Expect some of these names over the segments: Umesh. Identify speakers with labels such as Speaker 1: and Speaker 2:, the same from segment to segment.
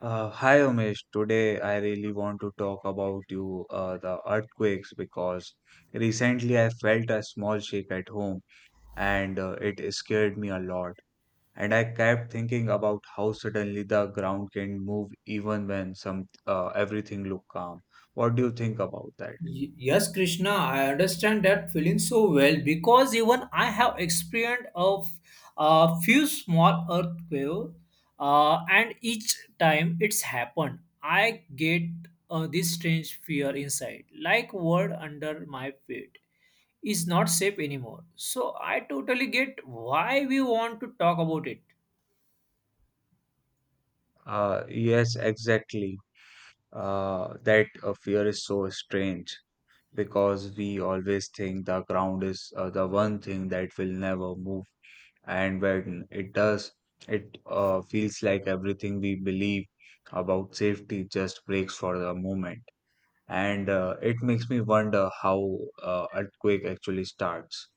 Speaker 1: Hi Umesh, today I really want to talk about you, the earthquakes, because recently I felt a small shake at home and it scared me a lot. And I kept thinking about how suddenly the ground can move even when some everything look calm. What do you think about that?
Speaker 2: Yes, Krishna, I understand that feeling so well because even I have experienced a few small earthquakes, and each time it's happened, I get this strange fear inside, like world under my feet is not safe anymore. So I totally get why we want to talk about it.
Speaker 1: Yes, exactly. That fear is so strange, because we always think the ground is the one thing that will never move. And when it does, it feels like everything we believe about safety just breaks for the moment. And it makes me wonder how earthquake actually starts.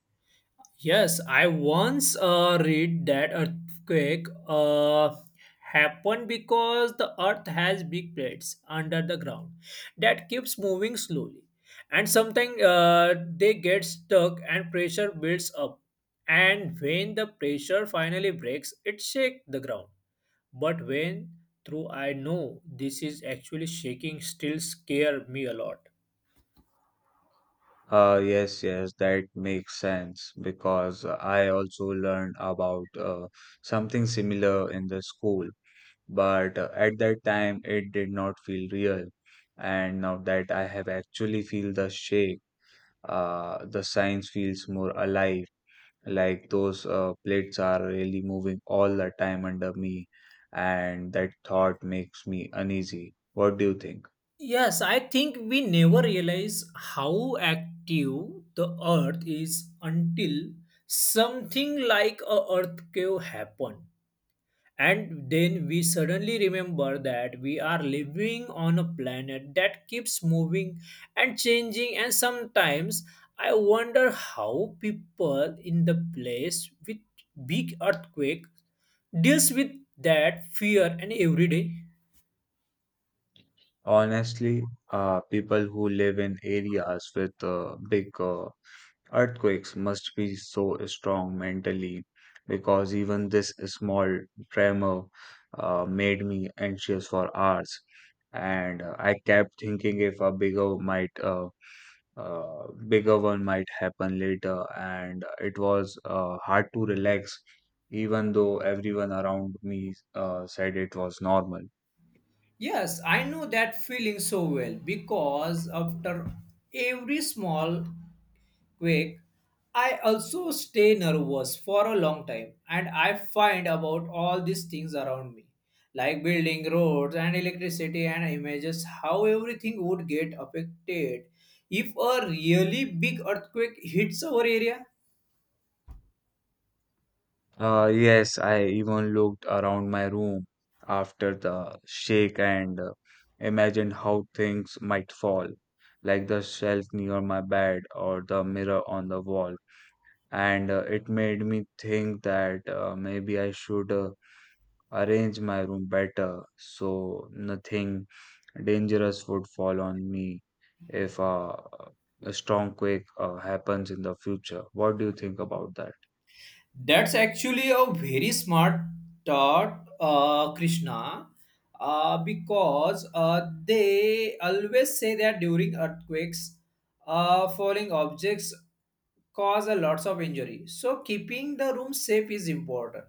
Speaker 2: Yes, I once read that earthquake happened because the earth has big plates under the ground that keeps moving slowly, and sometimes they get stuck and pressure builds up. And when the pressure finally breaks, it shakes the ground. But when through I know this is actually shaking, still scare me a lot.
Speaker 1: Yes, that makes sense because I also learned about something similar in the school but at that time it did not feel real, and now that I have actually feel the shake, the science feels more alive, like those plates are really moving all the time under me, and that thought makes me uneasy. What do you think?
Speaker 2: Yes, I think we never realize how active the earth is until something like a earthquake happen, and then we suddenly remember that we are living on a planet that keeps moving and changing, and sometimes I wonder how people in the place with big earthquake deals with that fear and every day.
Speaker 1: Honestly, people who live in areas with big earthquakes must be so strong mentally because even this small tremor made me anxious for hours. And I kept thinking if a bigger might bigger one might happen later, and it was hard to relax, even though everyone around me said it was normal.
Speaker 2: Yes, I know that feeling so well because after every small quake, I also stay nervous for a long time and I find about all these things around me, like building roads and electricity and images, how everything would get affected if a really big earthquake hits our area.
Speaker 1: Yes, I even looked around my room after the shake and imagined how things might fall, like the shelf near my bed or the mirror on the wall. And it made me think that maybe I should arrange my room better so nothing dangerous would fall on me if a strong quake happens in the future. What do you think about that?
Speaker 2: That's actually a very smart thought, Krishna, because they always say that during earthquakes, falling objects cause a lots of injury. So keeping the room safe is important.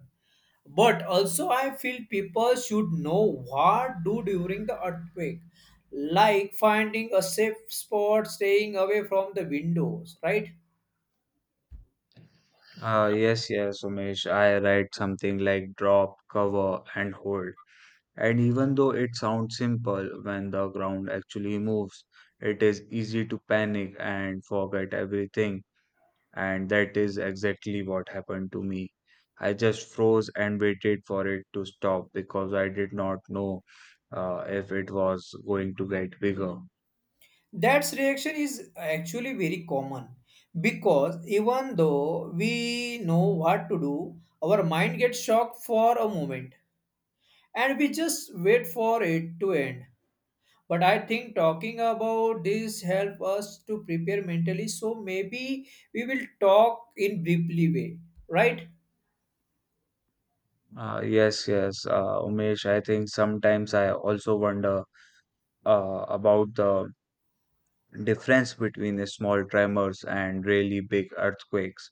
Speaker 2: But also, I feel people should know what do during the earthquake, like finding a safe spot, staying away from the windows, right?
Speaker 1: Yes, Umesh. I write something like drop, cover, and hold. And even though it sounds simple, when the ground actually moves, it is easy to panic and forget everything. And that is exactly what happened to me. I just froze and waited for it to stop because I did not know if it was going to get bigger.
Speaker 2: That reaction is actually very common because even though we know what to do, our mind gets shocked for a moment and we just wait for it to end. But I think talking about this help us to prepare mentally, so maybe we will talk in briefly way, right?
Speaker 1: Yes, Umesh. I think sometimes I also wonder about the difference between the small tremors and really big earthquakes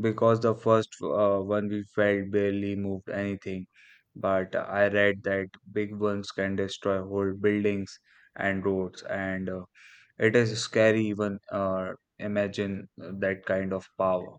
Speaker 1: because the first one we felt barely moved anything, but I read that big ones can destroy whole buildings and roads, and it is scary even imagine that kind of power.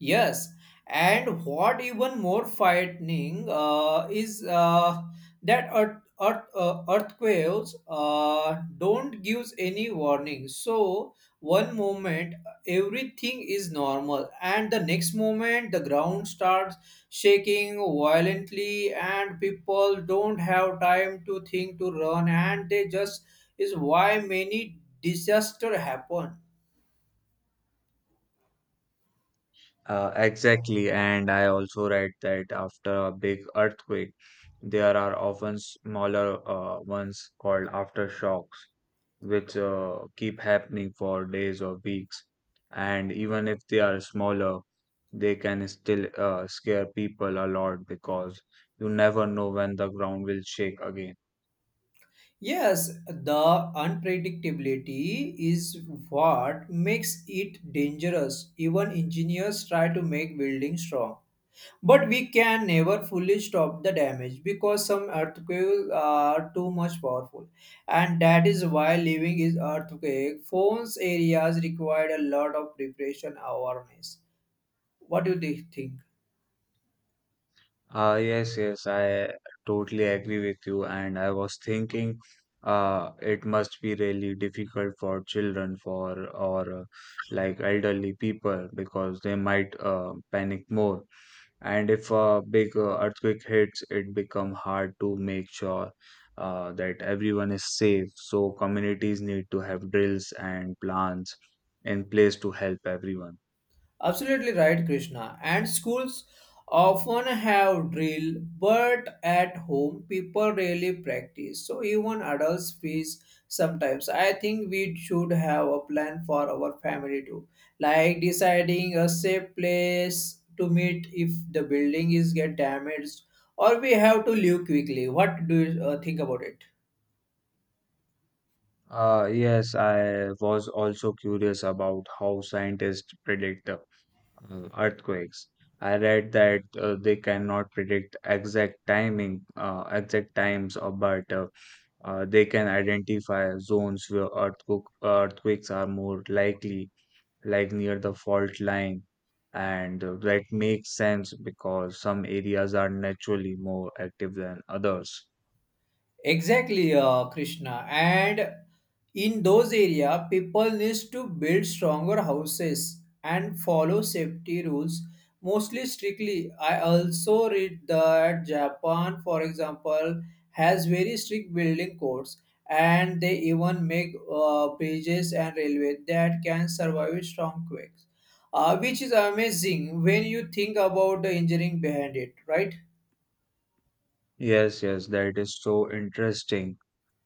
Speaker 2: Yes, and what even more frightening is that earthquakes don't give any warning. So one moment everything is normal, and the next moment the ground starts shaking violently, and people don't have time to think to run, and they just is why many disaster happen.
Speaker 1: Exactly, and I also read that after a big earthquake there are often smaller ones called aftershocks, which keep happening for days or weeks. And even if they are smaller, they can still scare people a lot because you never know when the ground will shake again.
Speaker 2: Yes, the unpredictability is what makes it dangerous. Even engineers try to make buildings strong. But we can never fully stop the damage because some earthquakes are too much powerful. And that is why living is earthquake. Phones areas required a lot of preparation awareness. What do they think?
Speaker 1: Ah, yes, I totally agree with you. And I was thinking, it must be really difficult for children, for or like elderly people, because they might panic more. And if a big earthquake hits, it become hard to make sure that everyone is safe, so communities need to have drills and plans in place to help everyone.
Speaker 2: Absolutely right, Krishna. And schools often have drill, but at home people rarely practice. So even adults face sometimes. I think we should have a plan for our family too, like deciding a safe place to meet if the building is get damaged, or we have to leave quickly. What do you think about it?
Speaker 1: Yes, I was also curious about how scientists predict earthquakes. I read that they cannot predict exact timing exact times but they can identify zones where earthquakes are more likely, like near the fault line. And that makes sense because some areas are naturally more active than others.
Speaker 2: Exactly, Krishna. And in those area, people needs to build stronger houses and follow safety rules mostly strictly. I also read that Japan, for example, has very strict building codes, and they even make bridges and railway that can survive strong quakes, which is amazing when you think about the engineering behind it, right?
Speaker 1: Yes, that is so interesting.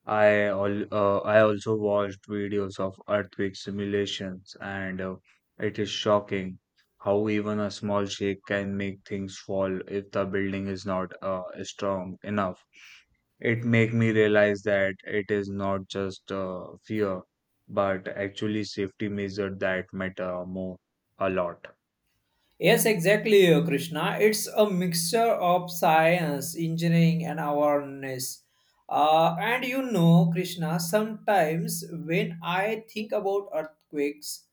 Speaker 1: I also watched videos of earthquake simulations, and it is shocking how even a small shake can make things fall if the building is not strong enough. It make me realize that it is not just fear, but actually safety measure that matter more a lot.
Speaker 2: Yes, exactly, Krishna. It's a mixture of science, engineering, and awareness. And you know, Krishna, sometimes when I think about earthquakes,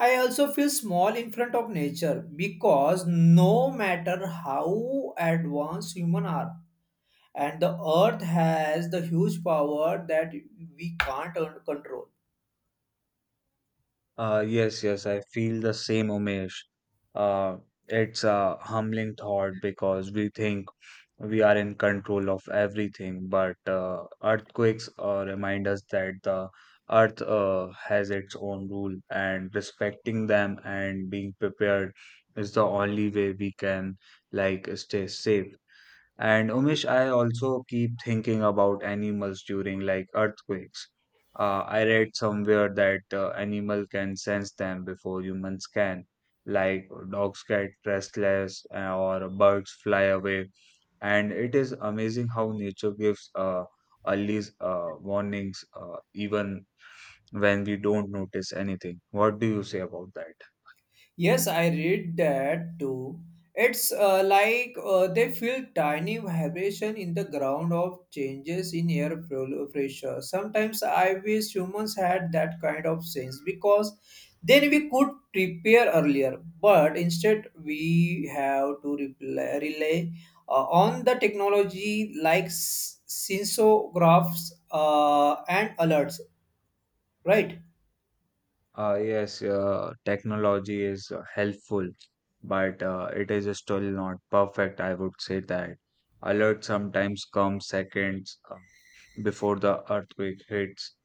Speaker 2: I also feel small in front of nature because no matter how advanced human are, and the earth has the huge power that we can't control.
Speaker 1: Yes, I feel the same, Umesh. Uh, it's a humbling thought because we think we are in control of everything, but earthquakes remind us that the earth has its own rule, and respecting them and being prepared is the only way we can like stay safe. And Umesh, I also keep thinking about animals during like earthquakes. I read somewhere that animal can sense them before humans can. Like dogs get restless or birds fly away. And it is amazing how nature gives early warnings even when we don't notice anything. What do you say about that?
Speaker 2: Yes, I read that too. It's like they feel tiny vibration in the ground of changes in pressure. Sometimes I wish humans had that kind of sense because then we could prepare earlier. But instead, we have to rely on the technology like sensographs and alerts, right?
Speaker 1: Yes, technology is helpful, but it is still not perfect. I would say that alert sometimes comes seconds before the earthquake hits,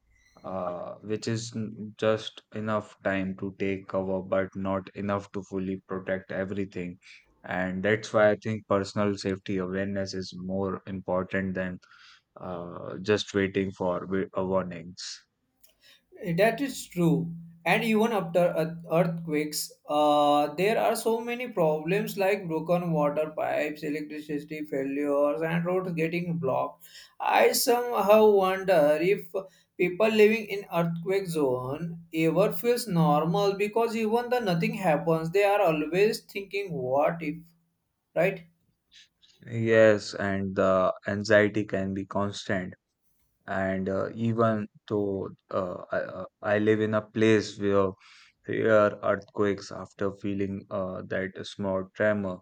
Speaker 1: which is just enough time to take cover, but not enough to fully protect everything. And that's why I think personal safety awareness is more important than just waiting for warnings.
Speaker 2: That is true. And even after earthquakes, there are so many problems like broken water pipes, electricity failures, and roads getting blocked. I somehow wonder if people living in earthquake zone ever feels normal because even though nothing happens, they are always thinking, "What if?" Right?
Speaker 1: Yes, and the anxiety can be constant. And even though I live in a place where there are earthquakes, after feeling that small tremor,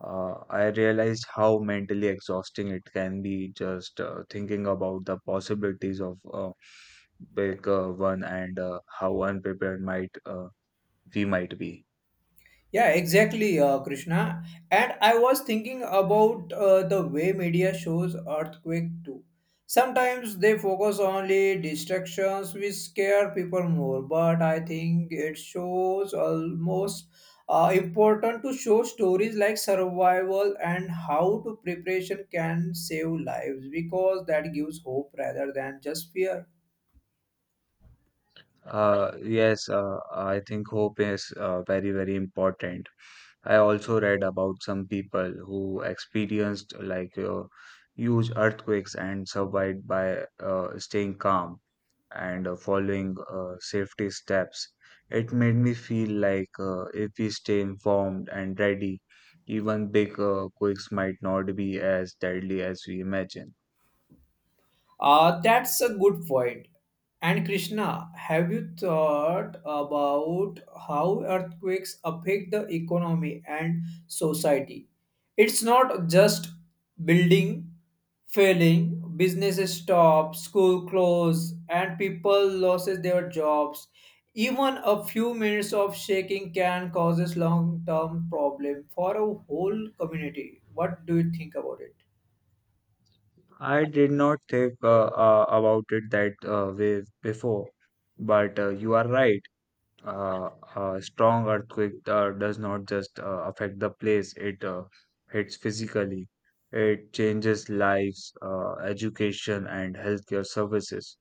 Speaker 1: I realized how mentally exhausting it can be just thinking about the possibilities of a big one, and how unprepared might we might be.
Speaker 2: Yeah, exactly, Krishna. And I was thinking about the way media shows earthquake too. Sometimes they focus only distractions which scare people more, but I think it shows almost important to show stories like survival and how to preparation can save lives because that gives hope rather than just fear.
Speaker 1: Yes, I think hope is very, very important. I also read about some people who experienced like huge earthquakes and survived by staying calm and following safety steps. It made me feel like if we stay informed and ready, even big quakes might not be as deadly as we imagine.
Speaker 2: That's a good point. And Krishna, have you thought about how earthquakes affect the economy and society? It's not just building failing, businesses stop, school close, and people loses their jobs. Even a few minutes of shaking can causes long-term problem for a whole community. What do you think about it?
Speaker 1: I did not think about it that way before, but you are right. Uh, a strong earthquake does not just affect the place, it hits physically. It changes lives, education, and healthcare services.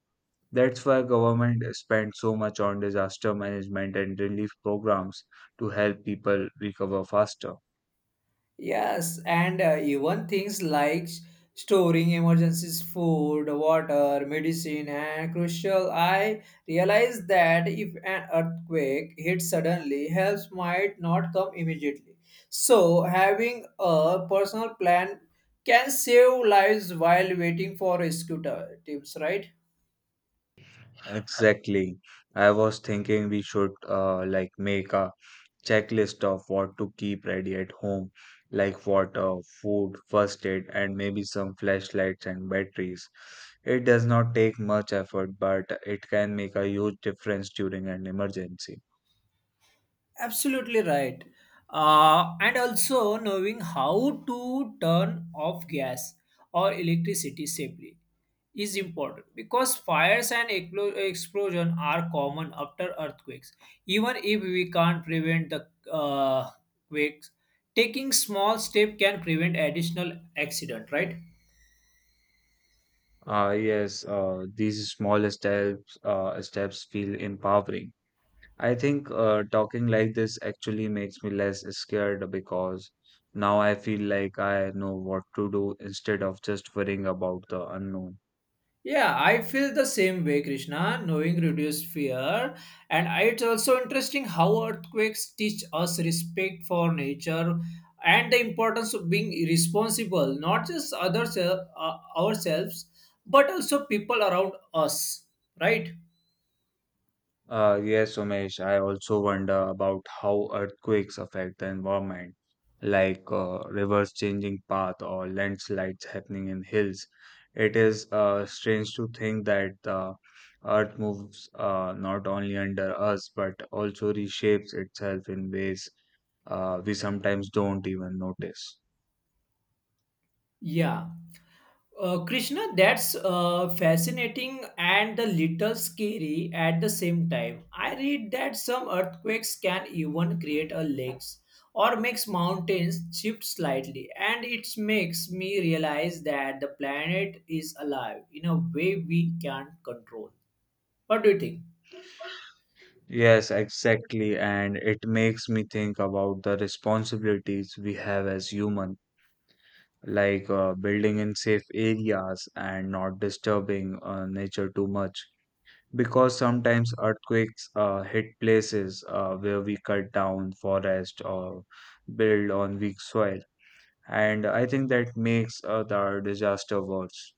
Speaker 1: That's why government spends so much on disaster management and relief programs to help people recover faster.
Speaker 2: Yes, and even things like storing emergencies, food, water, medicine, and crucial. I realized that if an earthquake hits suddenly, help might not come immediately. So, having a personal plan can save lives while waiting for teams, right?
Speaker 1: Exactly. I was thinking we should like make a checklist of what to keep ready at home, like water, food, first aid, and maybe some flashlights and batteries. It does not take much effort, but it can make a huge difference during an emergency.
Speaker 2: Absolutely right. And also knowing how to turn off gas or electricity safely is important because fires and explosion are common after earthquakes. Even if we can't prevent the quakes, taking small step can prevent additional accident, right?
Speaker 1: Ah, yes, these small steps feel empowering. I think talking like this actually makes me less scared because now I feel like I know what to do instead of just worrying about the unknown.
Speaker 2: Yeah, I feel the same way, Krishna. Knowing reduced fear, and it's also interesting how earthquakes teach us respect for nature and the importance of being responsible, not just others ourselves, but also people around us. Right?
Speaker 1: Yes, Umesh, I also wonder about how earthquakes affect the environment, like rivers changing path or landslides happening in hills. It is strange to think that the earth moves not only under us but also reshapes itself in ways we sometimes don't even notice.
Speaker 2: Yeah. Krishna, that's fascinating and a little scary at the same time. I read that some earthquakes can even create a lakes or makes mountains shift slightly, and it makes me realize that the planet is alive in a way we can't control. What do you think?
Speaker 1: Yes, exactly, and it makes me think about the responsibilities we have as human, like building in safe areas and not disturbing nature too much, because sometimes earthquakes hit places where we cut down forest or build on weak soil, and I think that makes the disaster worse.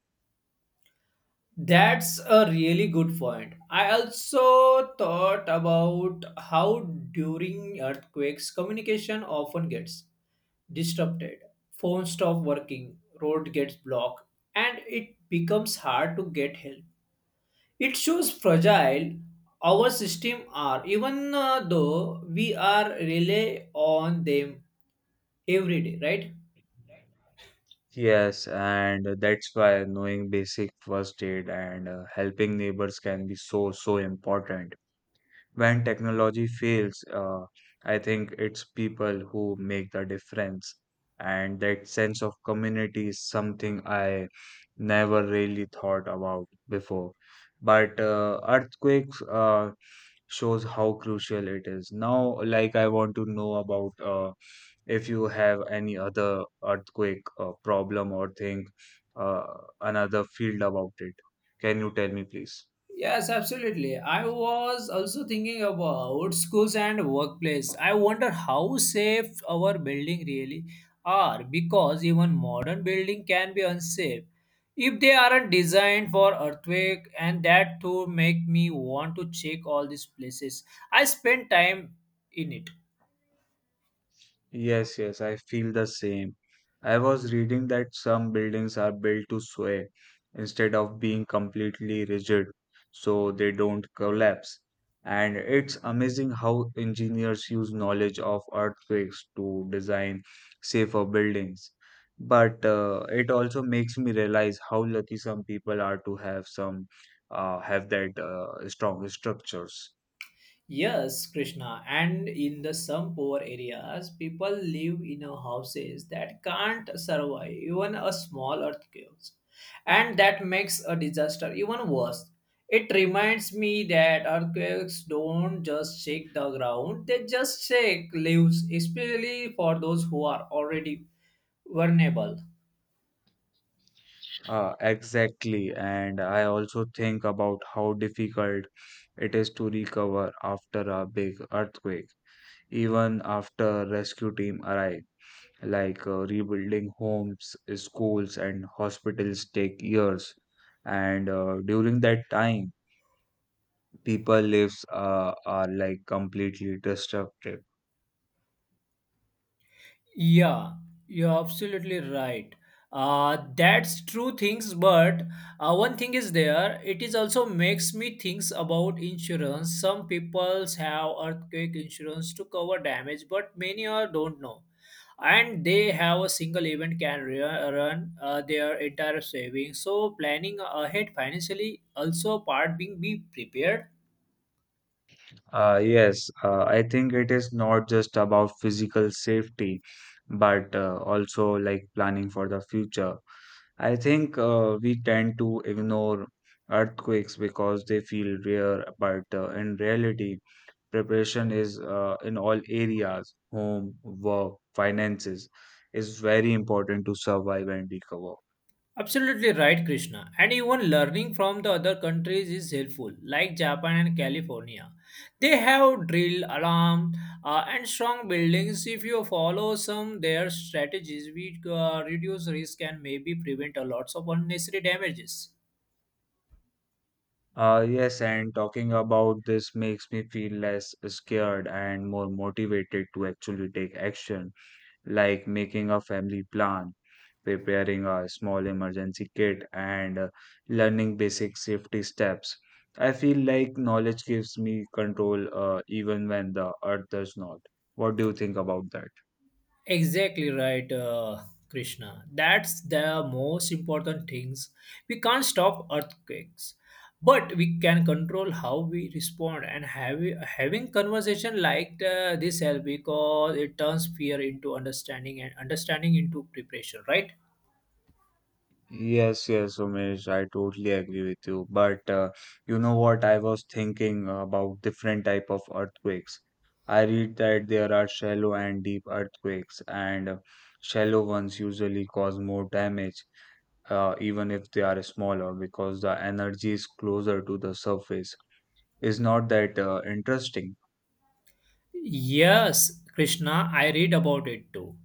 Speaker 2: That's a really good point. I also thought about how during earthquakes communication often gets disrupted, phones stop working, road gets blocked, and it becomes hard to get help. It shows fragile our system are, even though we are rely on them every day, right?
Speaker 1: Yes, and that's why knowing basic first aid and helping neighbors can be so so important. When technology fails, I think it's people who make the difference. And that sense of community is something I never really thought about before. But earthquakes shows how crucial it is. Now, like, I want to know about if you have any other earthquake problem or think uh, another field about it. Can you tell me, please?
Speaker 2: Yes, absolutely. I was also thinking about schools and workplace. I wonder how safe our building really are because even modern building can be unsafe if they aren't designed for earthquake, and that too make me want to check all these places I spend time in it.
Speaker 1: Yes, I feel the same. I was reading that some buildings are built to sway instead of being completely rigid so they don't collapse. And it's amazing how engineers use knowledge of earthquakes to design safer buildings. But it also makes me realize how lucky some people are to have that strong structures.
Speaker 2: Yes, Krishna, and in the some poor areas, people live in a houses that can't survive even a small earthquake, and that makes a disaster even worse. It reminds me that earthquakes don't just shake the ground; they just shake lives, especially for those who are already vulnerable.
Speaker 1: Exactly. And I also think about how difficult it is to recover after a big earthquake, even after rescue team arrive. Like rebuilding homes, schools, and hospitals take years. And during that time, people lives are like completely destructive.
Speaker 2: Yeah, you're absolutely right. That's true things, but one thing is there. It is also makes me thinks about insurance. Some peoples have earthquake insurance to cover damage, but many are don't know, and they have a single event can run their entire savings. So planning ahead financially also part being be prepared.
Speaker 1: Yes, I think it is not just about physical safety, but also like planning for the future. I think we tend to ignore earthquakes because they feel rare, but in reality, preparation is in all areas, home, work, finances, is very important to survive and recover.
Speaker 2: Absolutely right, Krishna. And even learning from the other countries is helpful, like Japan and California. They have drill, alarm, and strong buildings. If you follow some their strategies, we reduce risk and maybe prevent a lots of unnecessary damages.
Speaker 1: Yes, and talking about this makes me feel less scared and more motivated to actually take action, like making a family plan, preparing a small emergency kit, and learning basic safety steps. I feel like knowledge gives me control even when the earth does not. What do you think about that?
Speaker 2: Exactly right, Krishna. That's the most important things. We can't stop earthquakes, but we can control how we respond. Having conversation like this help because it turns fear into understanding and understanding into preparation. Right?
Speaker 1: Yes, Umesh, I totally agree with you. But you know what? I was thinking about different type of earthquakes. I read that there are shallow and deep earthquakes, and shallow ones usually cause more damage even if they are smaller, because the energy is closer to the surface. Is not that interesting?
Speaker 2: Yes, Krishna. I read about it too.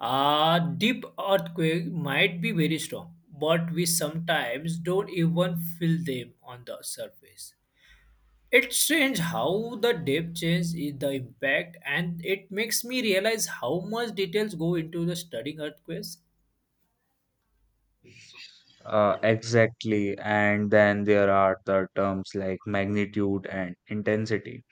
Speaker 2: A deep earthquake might be very strong, but we sometimes don't even feel them on the surface. It's strange how the depth change is the impact, and it makes me realize how much details go into the studying earthquakes.
Speaker 1: Exactly. And then there are the terms like magnitude and intensity.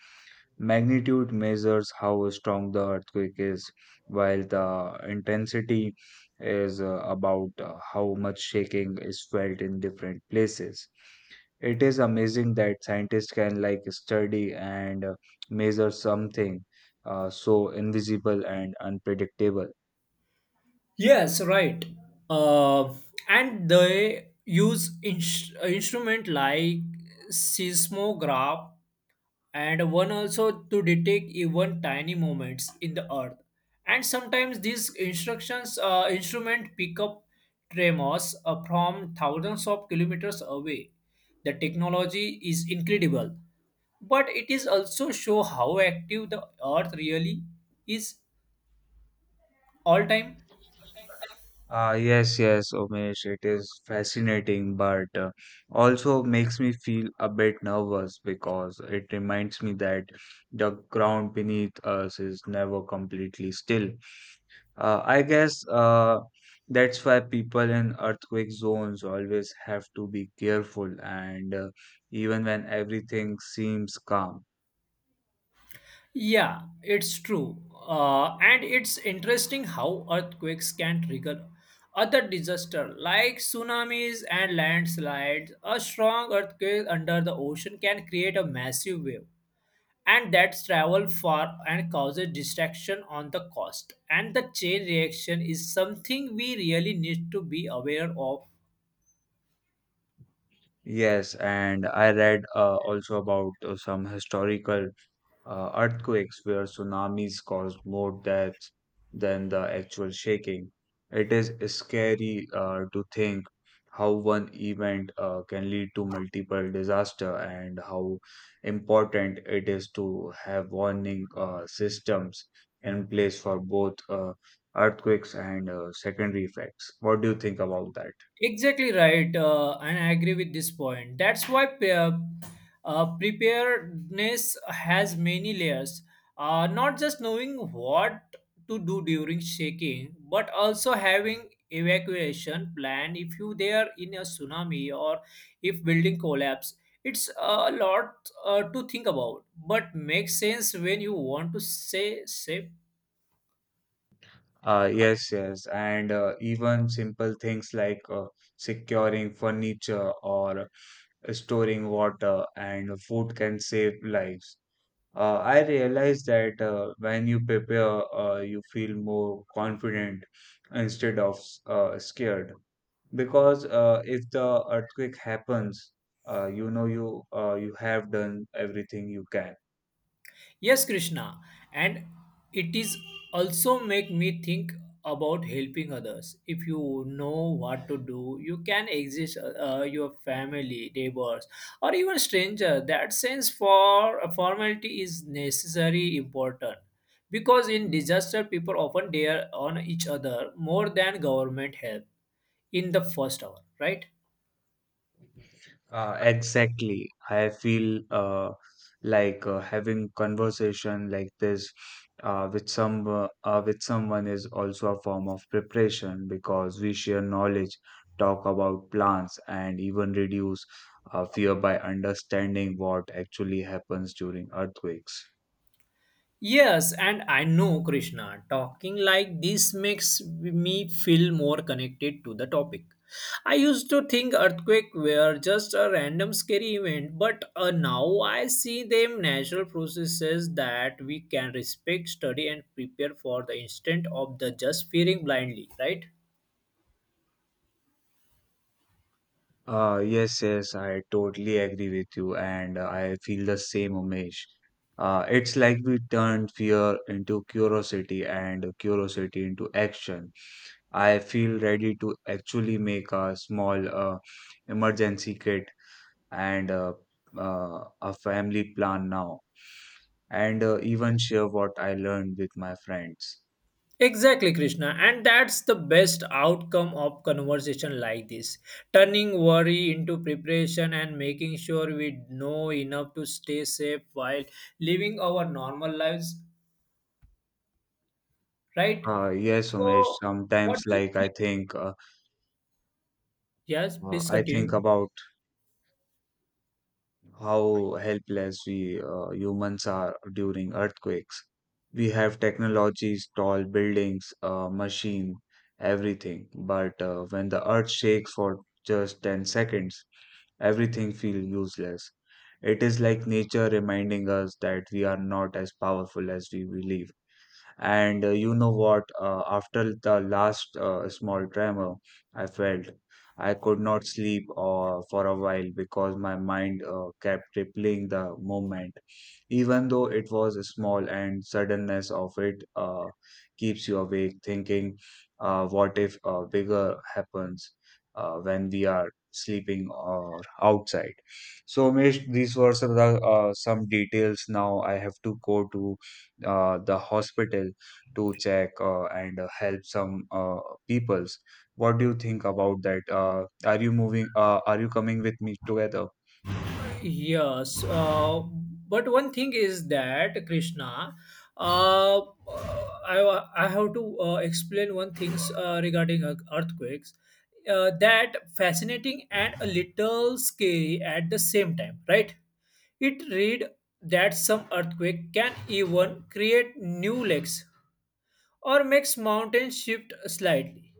Speaker 1: Magnitude measures how strong the earthquake is, while the intensity is about how much shaking is felt in different places. It is amazing that scientists can like study and measure something so invisible and unpredictable.
Speaker 2: Yes, right. Uh, and they use instrument like seismograph and one also to detect even tiny movements in the earth. And sometimes these instructions instrument pick up tremors from thousands of kilometers away. The technology is incredible, but it is also show how active the earth really is all time.
Speaker 1: Ah, yes, yes, Umesh, it is fascinating, but also makes me feel a bit nervous because it reminds me that the ground beneath us is never completely still. I guess that's why people in earthquake zones always have to be careful, and even when everything seems calm.
Speaker 2: Yeah, it's true. And it's interesting how earthquakes can trigger other disasters like tsunamis and landslides. A strong earthquake under the ocean can create a massive wave and that's travel far and causes destruction on the coast. And the chain reaction is something we really need to be aware of.
Speaker 1: Yes, and I read also about some historical earthquakes where tsunamis caused more deaths than the actual shaking. It is scary to think how one event can lead to multiple disaster and how important it is to have warning systems in place for both earthquakes and secondary effects. What do you think about that?
Speaker 2: Exactly right, and I agree with this point. That's why preparedness has many layers. Not just knowing what to do during shaking, but also having evacuation plan if you there in a tsunami or if building collapse. It's a lot to think about, but makes sense when you want to stay safe.
Speaker 1: Yes, yes, and even simple things like securing furniture or storing water and food can save lives. I realize that when you prepare, you feel more confident instead of scared. Because if the earthquake happens, you know you have done everything you can.
Speaker 2: Yes, Krishna, and it is also make me think about helping others. If you know what to do, you can exist your family, neighbors, or even stranger. That sense for a formality is necessary important because in disaster people often dare on each other more than government help in the first hour, right?
Speaker 1: Exactly. I feel like having conversation like this with some with someone is also a form of preparation because we share knowledge, talk about plans, and even reduce fear by understanding what actually happens during earthquakes.
Speaker 2: Yes, and I know Krishna, talking like this makes me feel more connected to the topic. I used to think earthquake were just a random scary event, but now I see them natural processes that we can respect, study, and prepare for the instant of the just fearing blindly, right?
Speaker 1: Yes, yes, I totally agree with you, and I feel the same, Umesh. It's like we turned fear into curiosity and curiosity into action. I feel ready to actually make a small emergency kit and a family plan now, and even share what I learned with my friends.
Speaker 2: Exactly, Krishna. And that's the best outcome of conversation like this. Turning worry into preparation and making sure we know enough to stay safe while living our normal lives, right?
Speaker 1: Yes, Umesh,
Speaker 2: So, what
Speaker 1: sometimes
Speaker 2: do you
Speaker 1: like
Speaker 2: think? Yes, please
Speaker 1: I think
Speaker 2: continue.
Speaker 1: about how helpless we humans are during earthquakes. We have technologies, tall buildings, machine, everything. But when the earth shakes for just 10 seconds, everything feels useless. It is like nature reminding us that we are not as powerful as we believe. And you know what? After the last small tremor, I felt I could not sleep for a while because my mind kept replaying the moment, even though it was small, and suddenness of it keeps you awake, thinking, "What if bigger happens when we are sleeping or outside?" So, Mesh, these were some, of the, some details. Now I have to go to the hospital to check and help some peoples. What do you think about that? Are you moving? Are you coming with me together?
Speaker 2: Yes, but one thing is that Krishna, uh, I have to explain one things regarding earthquakes that fascinating and a little scary at the same time, right? It read that some earthquake can even create new lakes or makes mountains shift slightly,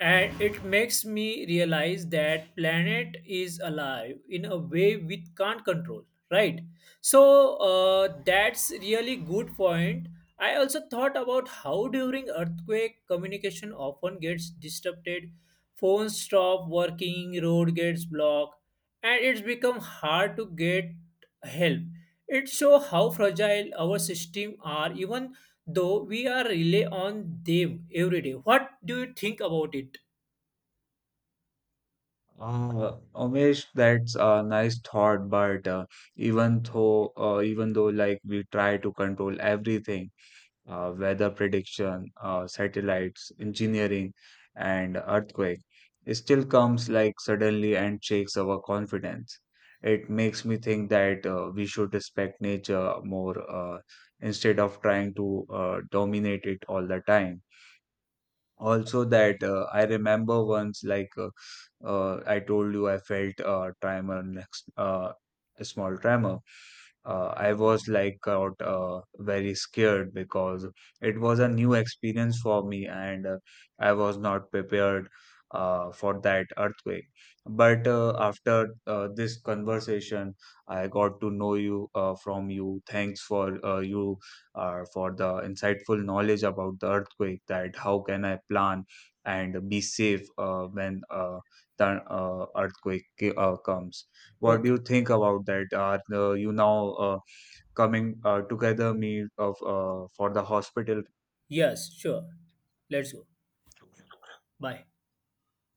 Speaker 2: and it makes me realize that planet is alive in a way we can't control, right? That's really good point. I also thought about how during earthquake communication often gets disrupted, phones stop working, road gets blocked, and it's become hard to get help. It shows how fragile our system are even though we are rely on them every day. What do you think about it?
Speaker 1: Umesh, that's a nice thought, but even though like we try to control everything, weather prediction, satellites, engineering, and earthquake still comes like suddenly and shakes our confidence. It makes me think that we should respect nature more instead of trying to dominate it all the time. Also, that I remember once, like I told you, I felt a tremor, next, a small tremor I was like out very scared because it was a new experience for me and I was not prepared for that earthquake. But after this conversation, I got to know you from you. Thanks for you for the insightful knowledge about the earthquake. That how can I plan and be safe when the earthquake comes. What do
Speaker 2: Okay.
Speaker 1: you think about that? Are you now coming together me of for the hospital
Speaker 2: Yes, sure, let's go. Bye.